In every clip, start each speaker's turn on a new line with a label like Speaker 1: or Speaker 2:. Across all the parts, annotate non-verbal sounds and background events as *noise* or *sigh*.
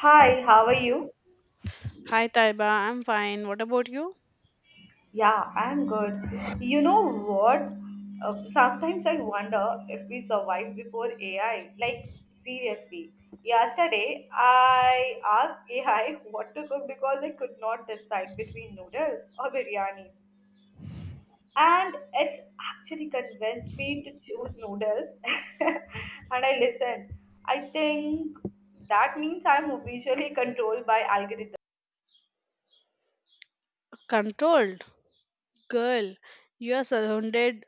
Speaker 1: Hi, how are you?
Speaker 2: Hi Taiba, I'm fine. What about you?
Speaker 1: Yeah, I'm good. You know what? Sometimes I wonder if we survived before AI. Like, seriously. Yesterday, I asked AI *laughs* what to cook because I could not decide between noodles or biryani. And it's actually convinced me to choose noodles. *laughs* And I listened. I think that means I'm officially controlled by algorithms.
Speaker 2: Controlled. Girl, you are surrounded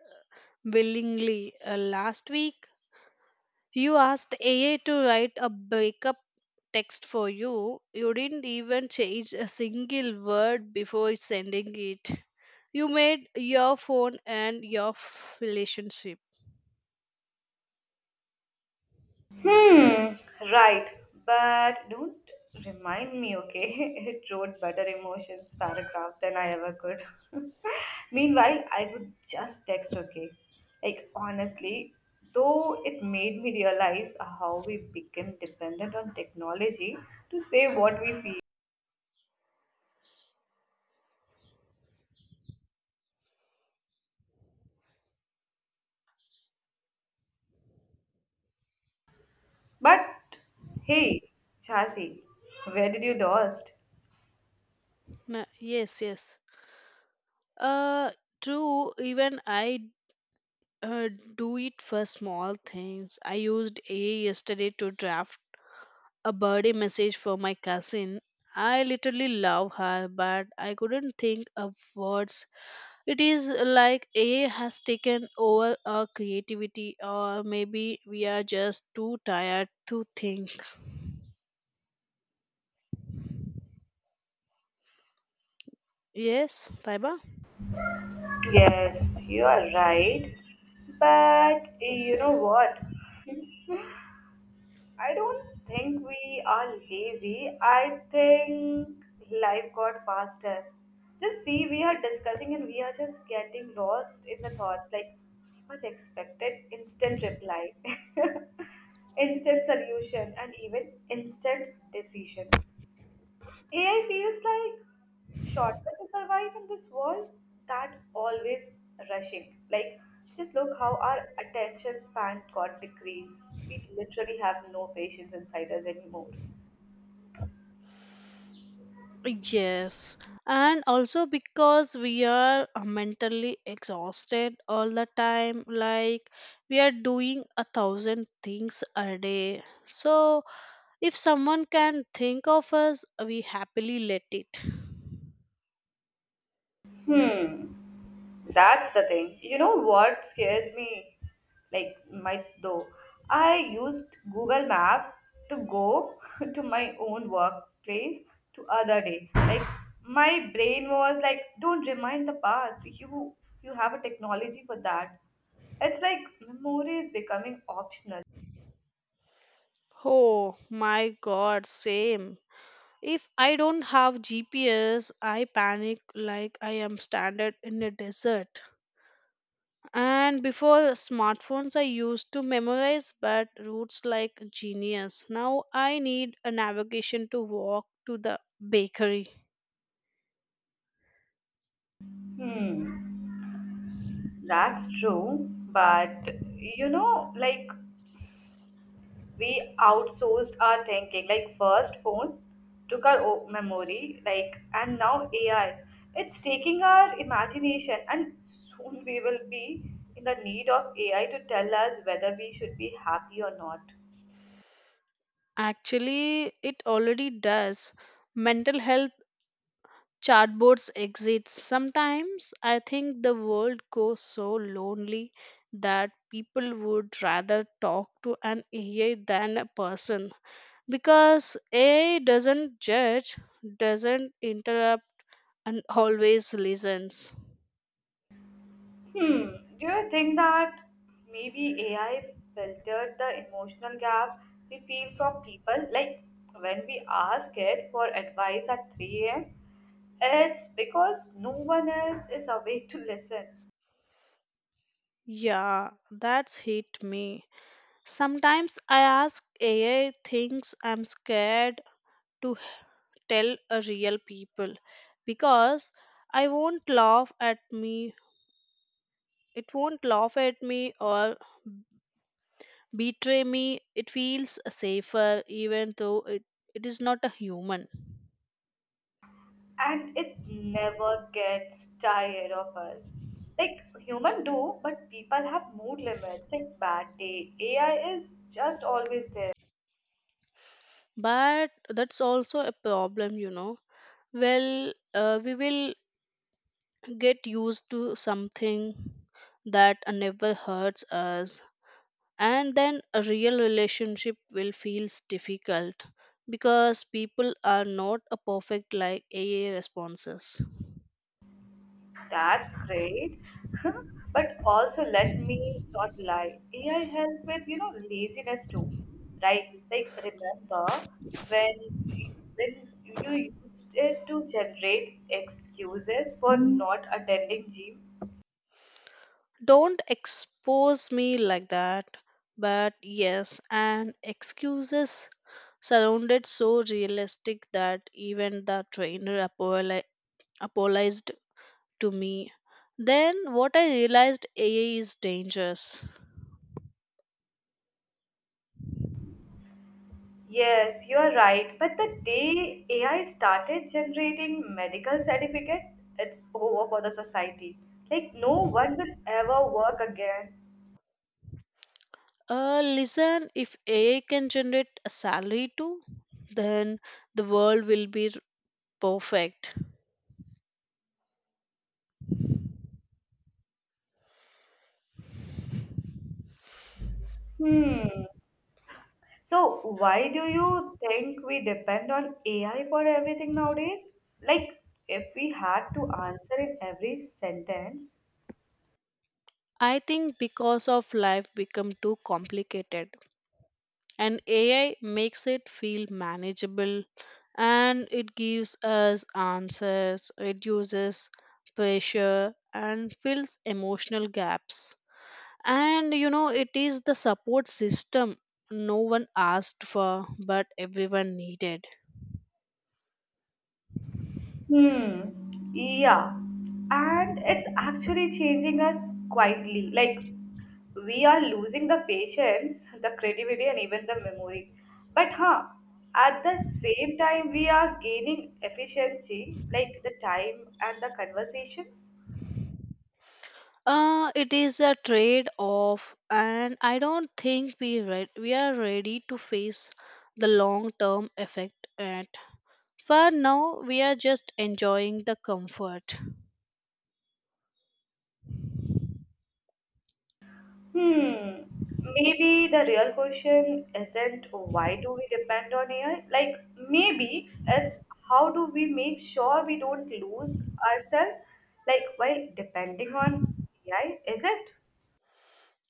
Speaker 2: willingly. Last week, you asked AI to write a breakup text for you. You didn't even change a single word before sending it. You made your phone and your relationship.
Speaker 1: Hmm, right. But don't remind me, okay? *laughs* It wrote better emotions paragraph than I ever could. *laughs* Meanwhile, I would just text, okay? Like, honestly, though it made me realize how we became dependent on technology to say what we feel. But hey, Chasi, where did you lost?
Speaker 2: Yes, yes. Uh, True. Even I uh, do it for small things. I used AI yesterday to draft a birthday message for my cousin. I literally love her, but I couldn't think of words. It is like AI has taken over our creativity, or maybe we are just too tired to think. Yes, Taiba?
Speaker 1: Yes, you are right. But you know what? *laughs* I don't think we are lazy. I think life got faster. Just see, we are discussing and we are just getting lost in the thoughts. Like people expected instant reply, *laughs* instant solution, and even instant decision. AI feels like shortcut to survive in this world that always rushing. Like, just look how our attention span got decreased. We literally have no patience inside us anymore.
Speaker 2: Yes. And also because we are mentally exhausted all the time, like we are doing a thousand things a day. So if someone can think of us, we happily let it.
Speaker 1: Hmm. That's the thing. You know what scares me? Like my though, I used Google Map to go *laughs* to my own workplace to other day. Like my brain was like, don't remind the path. You have a technology for that. It's like memory is becoming optional.
Speaker 2: Oh my god, same. If I don't have GPS, I panic like I am stranded in a desert. And before smartphones, I used to memorize but routes like genius. Now I need a navigation to walk to the bakery.
Speaker 1: Hmm, that's true. But you know, like we outsourced our thinking like first phone took our o- memory like and now AI it's taking our imagination, and soon we will be in the need of AI to tell us whether we should be happy or not.
Speaker 2: Actually, it already does. Mental health chatbots exist. Sometimes I think the world goes so lonely that people would rather talk to an AI than a person because AI doesn't judge, doesn't interrupt, and always listens.
Speaker 1: Hmm, do you think that maybe AI filtered the emotional gap we feel from people, like when we ask it for advice at 3 a.m., it's because no one else is awake to listen.
Speaker 2: Yeah, that's hit me. Sometimes I ask AI things I'm scared to tell a real people, because I won't laugh at me. It won't laugh at me or betray me. It feels safer even though it is not a human.
Speaker 1: And it never gets tired of us. Like human do, but people have mood limits. Like bad day, AI is just always there.
Speaker 2: But that's also a problem, you know. Well, we will get used to something that never hurts us, and then a real relationship will feel difficult because people are not a perfect like AI responses.
Speaker 1: That's great, *laughs* but also let me not lie. AI help with you know laziness too, right? Like remember when when you used it to generate excuses for not attending gym.
Speaker 2: Don't expose me like that. But yes, and excuses sounded so realistic that even the trainer apologized to me. Then what I realized, AI is dangerous.
Speaker 1: Yes, you are right. But the day AI started generating medical certificate, it's over for the society. Like no one will ever work again.
Speaker 2: Listen, if AI can generate a salary too, then the world will be perfect.
Speaker 1: Hmm. So why do you think we depend on AI for everything nowadays? Like if we had to answer in every sentence,
Speaker 2: I think because of life become too complicated, and AI makes it feel manageable, and it gives us answers, reduces pressure, and fills emotional gaps. And you know, it is the support system no one asked for but everyone needed.
Speaker 1: hmm. Yeah. And it's actually changing us quietly. Like, we are losing the patience, the creativity, and even the memory. But, huh, at the same time, we are gaining efficiency, like the time and the conversations.
Speaker 2: It is a trade off, and I don't think we are ready to face the long term effect yet. For now, we are just enjoying the comfort.
Speaker 1: Hmm. Maybe the real question isn't why do we depend on AI? Like, maybe it's how do we make sure we don't lose ourselves, like, while depending on AI, is it?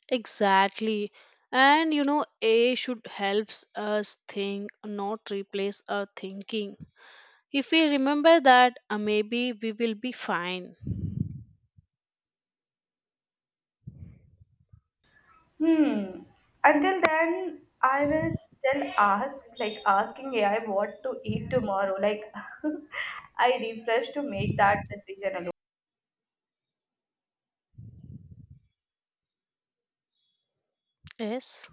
Speaker 2: Exactly. And you know, A should helps us think, not replace our thinking. If we remember that, maybe we will be fine.
Speaker 1: Hmm. Until then, I will still ask, like, asking AI what to eat tomorrow. Like, *laughs* I refresh to make that decision alone.
Speaker 2: Yes.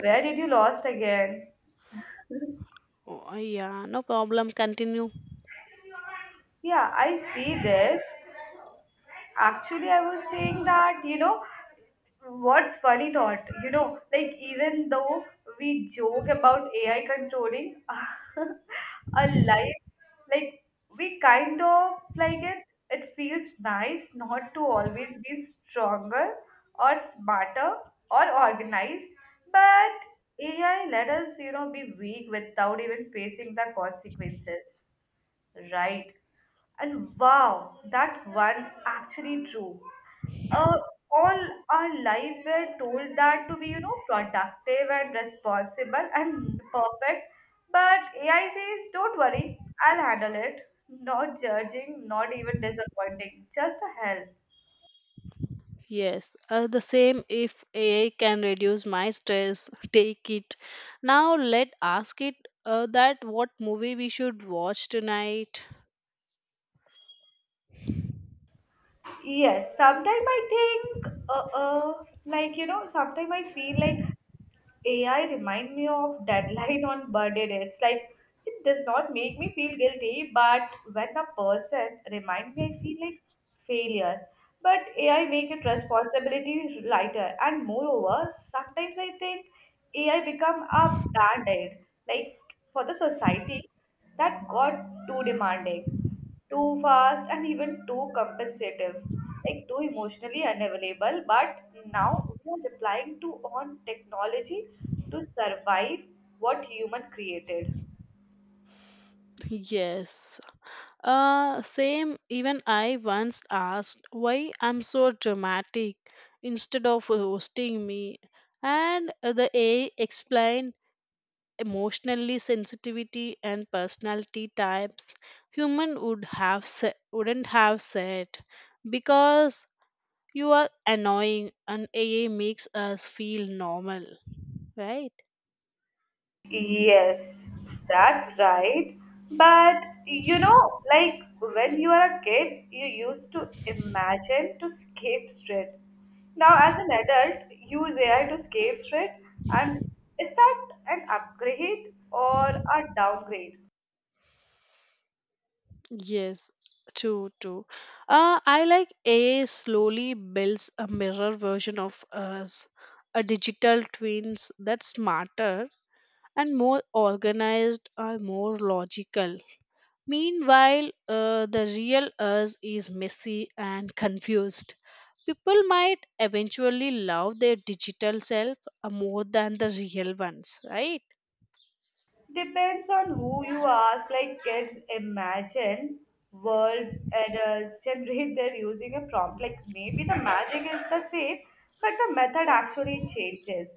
Speaker 1: Where did you lost again?
Speaker 2: Oh, yeah, no problem. Continue.
Speaker 1: Yeah, I see this. Actually, I was saying that, you know, what's funny thought, you know, like even though we joke about AI controlling *laughs* our life, like we kind of like it feels nice not to always be stronger or smarter or organized, but AI let us, you know, be weak without even facing the consequences. Right. And wow, that one actually true. Uh, all our life we're told that to be, you know, productive and responsible and perfect. But AI says, don't worry, I'll handle it. Not judging, not even disappointing, just a help.
Speaker 2: Yes. The same, if AI can reduce my stress, *laughs* take it. Now let ask it that what movie we should watch tonight.
Speaker 1: Yes, sometimes I think, like, you know, sometimes I feel like AI remind me of deadline on birthday day. It's like it does not make me feel guilty, but when a person remind me, I feel like failure. But AI make it responsibility lighter, and moreover, sometimes I think AI become a band aid, like for the society that got too demanding too fast and even too compensative, like too emotionally unavailable. But now we are relying to on technology to survive what human created.
Speaker 2: *laughs* Yes. Same, even I once asked why I'm so dramatic instead of roasting me. And the AI explained emotionally sensitivity and personality types human would have wouldn't have said because you are annoying, and AI makes us feel normal, right?
Speaker 1: Yes, that's right. But you know, like when you are a kid, you used to imagine to escape straight. Now, as an adult, use AI to escape straight, and is that an upgrade or a downgrade?
Speaker 2: Yes, true, true. I like AI slowly builds a mirror version of us, a digital twins that's smarter and more organized and more logical. Meanwhile, the real us is messy and confused. People might eventually love their digital self more than the real ones, right?
Speaker 1: Depends on who you ask. Like kids imagine worlds, adults generate their using a prompt. Like maybe the magic is the same, but the method actually changes.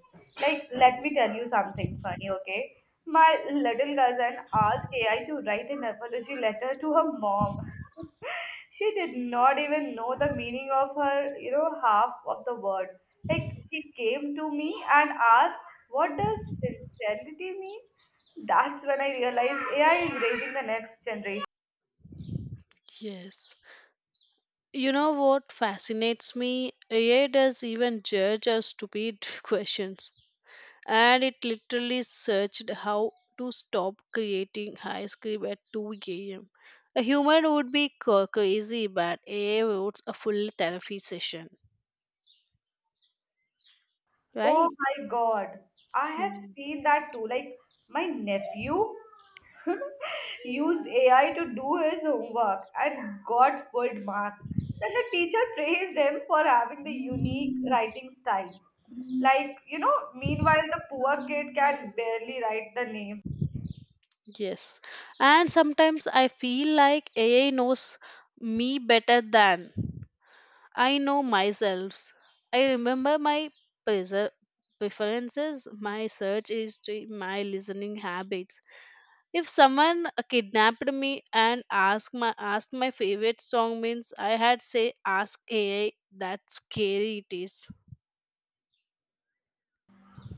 Speaker 1: Like let me tell you something funny, okay? My little cousin asked AI to write an apology letter to her mom. *laughs* She did not even know the meaning of her, you know, half of the word. Like she came to me and asked, "What does sincerity mean?" That's when I realized AI is raising the next generation.
Speaker 2: Yes. You know what fascinates me? AI does even judge our stupid *laughs* questions. And it literally searched how to stop creating high script at 2 a.m. A human would be crazy, but AI votes a full therapy session,
Speaker 1: Oh
Speaker 2: right?
Speaker 1: my god, I have
Speaker 2: Hmm.
Speaker 1: seen that too. Like, my nephew *laughs* used AI to do his homework and got full marks. Then the teacher praised him for having the unique writing style. Like, you know, meanwhile, the poor kid can barely write the name.
Speaker 2: Yes. And sometimes I feel like AI knows me better than I know myself. I remember my preser- preferences, my search history, my listening habits. If someone kidnapped me and asked my favorite song means, I had say ask AI. That's scary it is.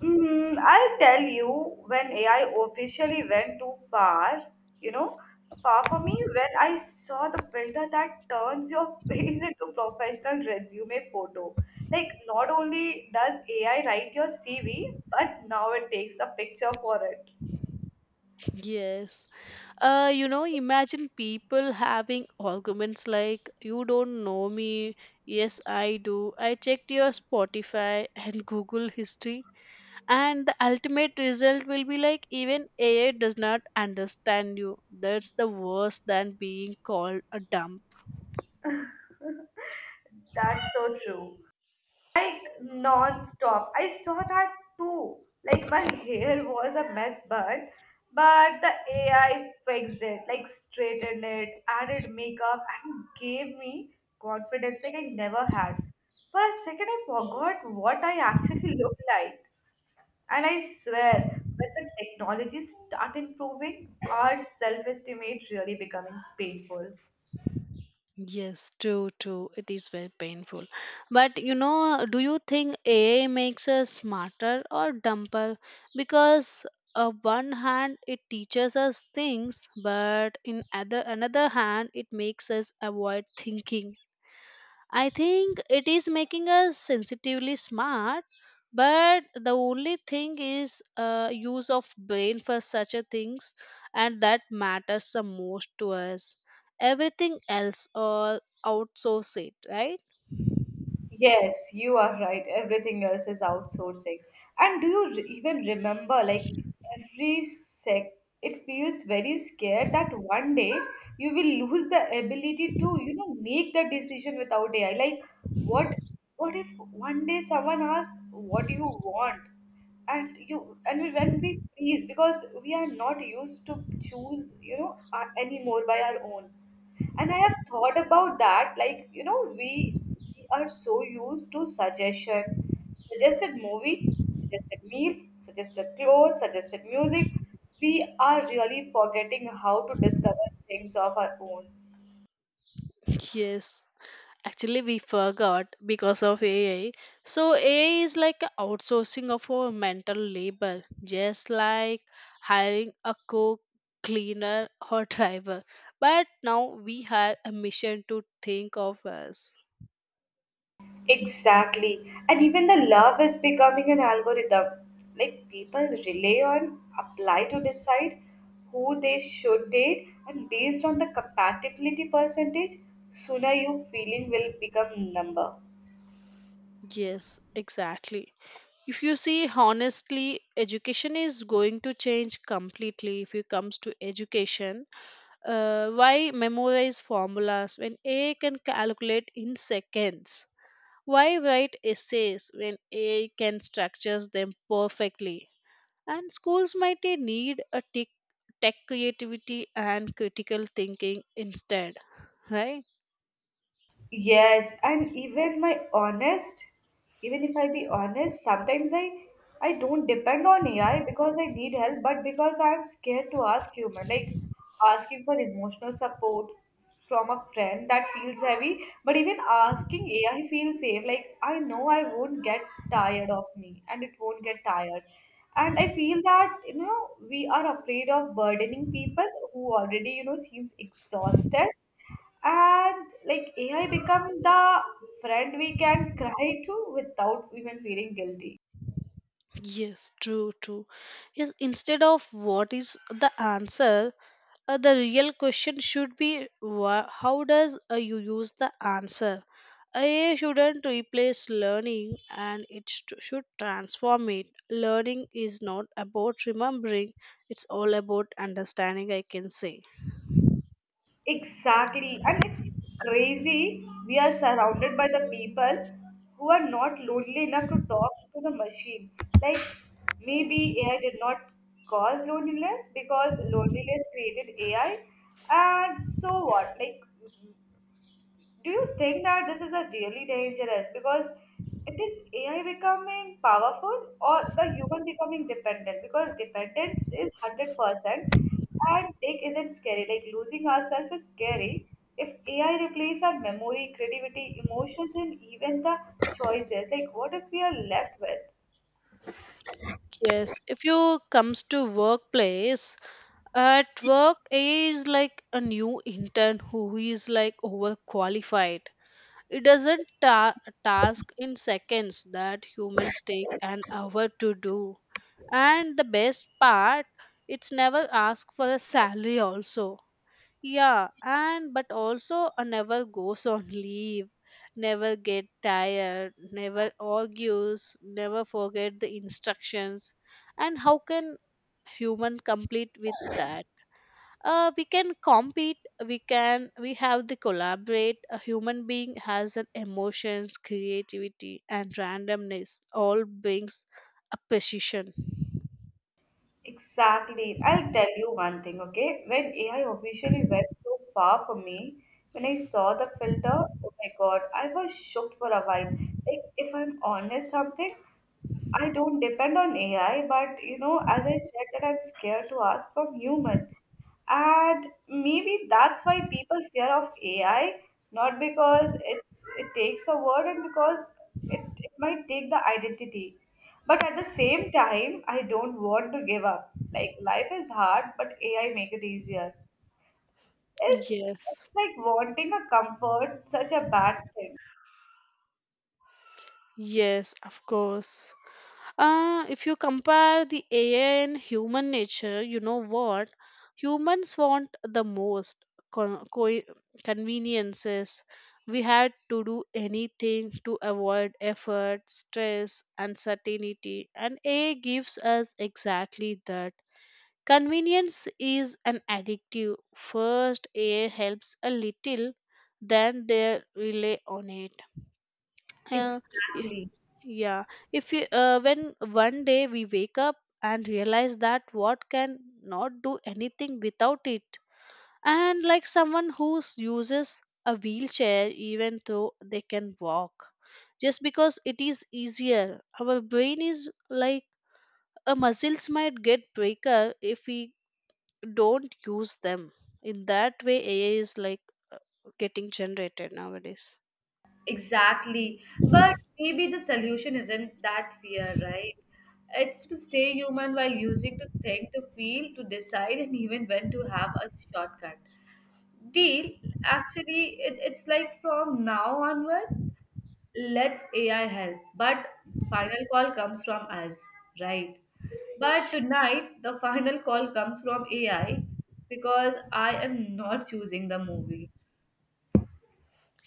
Speaker 1: Mm, I'll tell you when AI officially went too far, you know, far for me, when I saw the filter that turns your *laughs* face into professional resume photo. Like, not only does AI write your CV, but now it takes a picture for it.
Speaker 2: Yes. You know, imagine people having arguments like, you don't know me. Yes, I do. I checked your Spotify and Google history, and the ultimate result will be like, even ai does not understand you. That's the worst than being called a dump.
Speaker 1: *laughs* That's so true. Like non-stop. I saw that too. Like my *laughs* hair was a mess, but the AI fixed it, like straightened it, added makeup, and gave me confidence like I never had. For a second, I forgot what I actually *laughs* looked like, and I swear, when the technology start improving, our self-estimate really becoming painful.
Speaker 2: Yes, true, true, it is very painful. But you know, do you think ai makes us smarter or dumber? Because on one hand it teaches us things, but in other another hand it makes us avoid thinking. I think it is making us sensitively smart, but the only thing is use of brain for such a things, and that matters the most to us. Everything else or outsource it, right?
Speaker 1: Yes, you are right. Everything else is outsourcing. And do you re- even remember, like, every sec, it feels very scared that one day you will lose the ability to, you know, make the decision without AI. Like, what, what if one day someone asks, what do you want? And you, and we- when we freeze, because we are not used to choose, you know, anymore by our own. And I have thought about that, like you know we are so used to suggestion, suggested movie, suggested meal, suggested clothes, suggested music. We are really forgetting how to discover things of our own.
Speaker 2: Yes. Actually, we forgot because of AI. So, AI is like a outsourcing of our mental labor, just like hiring a cook, cleaner, or *laughs* driver. But now we have a mission to think of us.
Speaker 1: Exactly, and even the love is becoming an algorithm. Like people rely on apply to decide who they should date and based on the compatibility percentage, sooner your feeling will become number.
Speaker 2: Yes, exactly. If you see, honestly, education is going to change completely if it comes to education. Why memorize formulas when AI can calculate in seconds? Why write essays when AI can structure them perfectly? And schools might need a tech creativity and critical thinking instead, right?
Speaker 1: Yes, and even my honest, even if I be honest, sometimes I don't depend on AI because I need help, but because I'm scared to ask human, like asking for emotional support from a friend that feels heavy, but even asking AI feels safe. Like I know I won't get tired of me and it won't get tired. And I feel that, you know, we are afraid of burdening people who already, you know, seems exhausted, and like AI become the friend we can cry to without even feeling guilty.
Speaker 2: Yes, true, true. Yes, instead of what is the answer, the real question should be how does you use the answer? AI shouldn't replace learning, and it should transform it. Learning is not about remembering, it's all about understanding, I can say.
Speaker 1: Exactly. And it's crazy. We are surrounded by the people who are not lonely enough to talk to the machine. Like maybe AI did not cause loneliness because loneliness created AI. And so what? Like do you think that this is a really dangerous because it is AI becoming powerful or the human becoming dependent, because dependence is 100% and it not scary like losing ourselves is scary if AI replaces our memory creativity emotions and even the choices, like what if we are left with.
Speaker 2: Yes, if you comes to workplace, at work AI is like a new intern who is like overqualified. It doesn't task in seconds that humans take an hour to do. And the best part, it's never ask for a salary also. Yeah, and but also never goes on leave, never get tired, never argues, never forget the instructions. And how can human complete with that? We can compete, we can, we have the collaborate. A human being has an emotions, creativity and randomness, all brings a precision.
Speaker 1: Exactly. I'll tell you one thing, okay? When AI officially went so far for me, when I saw the filter, oh my God, I was shocked for a while. Like, if I'm honest, something, I don't depend on AI, but you know, as I said, that I'm scared to ask from human, and maybe that's why people fear of AI, not because it's it takes a word and because it might take the identity. But at the same time, I don't want to give up. Like life is hard, but AI make it easier. It, it's
Speaker 2: Yes,
Speaker 1: like wanting a comfort, such a bad thing.
Speaker 2: yes, of course. If you compare the AI and human nature, you know what? Humans want the most con- co- conveniences. We had to do anything to avoid effort, stress, uncertainty, and AI gives us exactly that. Convenience is an addictive. First, AI helps a little, then they rely on it. Uh,
Speaker 1: Exactly.
Speaker 2: yeah, if you, when one day we wake up and realize that what can not do anything without it, and like someone who uses a wheelchair even though they can walk, just because it is easier, our brain is like a muscles might get breaker if we don't use them. In that way, AI is like uh, getting generated nowadays.
Speaker 1: Exactly. But maybe the solution isn't that fear, right? It's to stay human while using to think, to feel, to decide, and even when to have a shortcut. Deal, actually, it's like from now onward, let's AI help. But final call comes from us, right? But tonight, the final call comes from AI because I am not choosing the movie.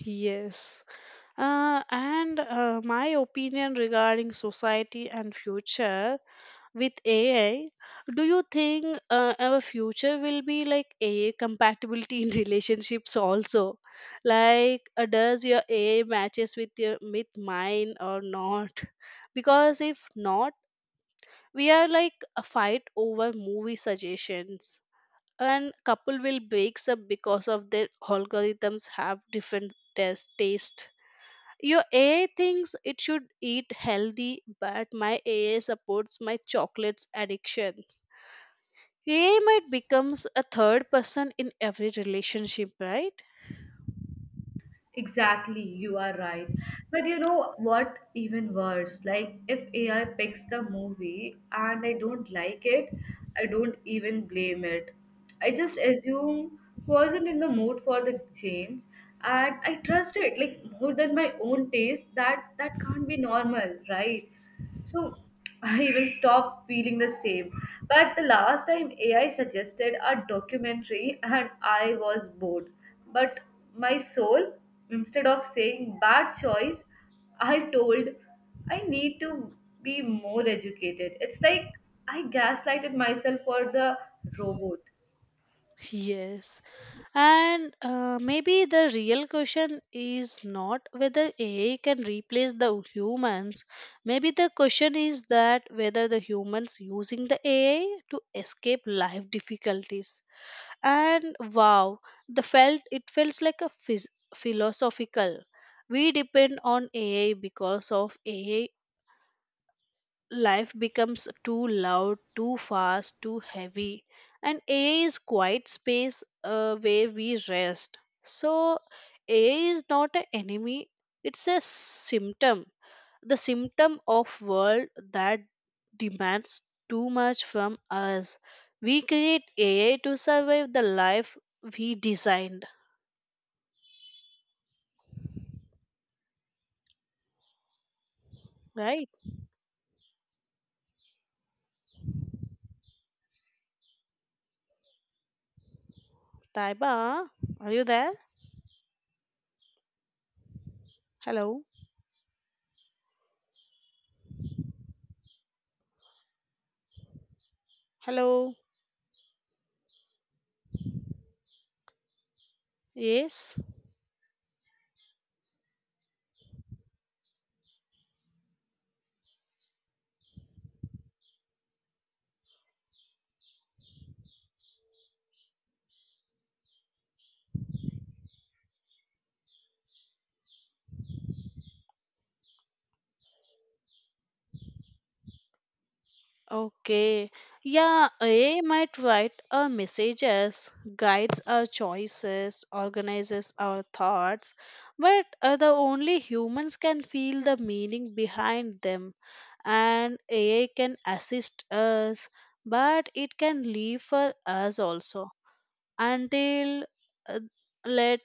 Speaker 2: Yes. And my opinion regarding society and future with AI, do you think our future will be like AI compatibility *laughs* in relationships also? Like, does your AI matches with your with mine or not? Because if not, we are like a fight over movie suggestions, and couple will breaks up because of their algorithms have different test taste. Your AI thinks it should eat healthy, but my AI supports my chocolates addiction. AI might becomes a third person in every relationship, right?
Speaker 1: Exactly, you are right. But you know what, even worse, like if AI picks the movie and I don't like it, I don't even blame it. I just assume wasn't in the mood for the change and I trust it like more than my own taste that can't be normal, right? So *laughs* I even stopped feeling the same. But the last time AI suggested a documentary and I was bored. But my soul, instead of saying bad choice, I told I need to be more educated. It's like I gaslighted myself for the robot.
Speaker 2: Yes. And maybe the real question is not whether AI can replace the humans. Maybe the question is that whether the humans using the AI to escape life difficulties. And wow, the felt it feels like a philosophical. We depend on ai because of ai, life becomes too loud, too fast, too heavy, and ai is quiet space, where we rest. So ai is not an enemy, it's a symptom, the symptom of world that demands too much from us. We create ai to survive the life we designed, right? Taiba, are you there? Hello? Hello? Yes. Okay. Yeah, ai might write our messages, guides our choices, organizes our thoughts, but the only humans can feel the meaning behind them. And AI can assist us, but it can leave for us also. Until uh, let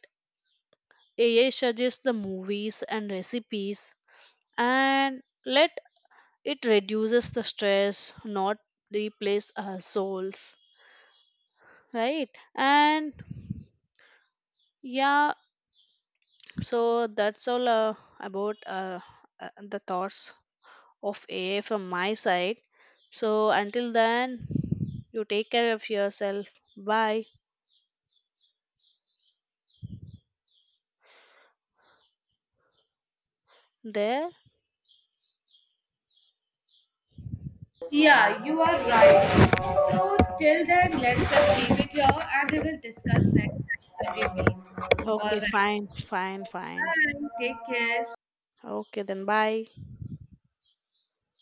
Speaker 2: AI suggest the movies and recipes, and let it reduces the stress, not replace our souls. Right? And yeah, so that's all about the thoughts of AI from my side. So until then, you take care of yourself. Bye. There?
Speaker 1: Yeah, you are right. So till then, let's just leave it here and we will discuss next time when we meet. All
Speaker 2: Okay,
Speaker 1: right.
Speaker 2: fine, fine, fine.
Speaker 1: Bye. Take care.
Speaker 2: Okay, then bye.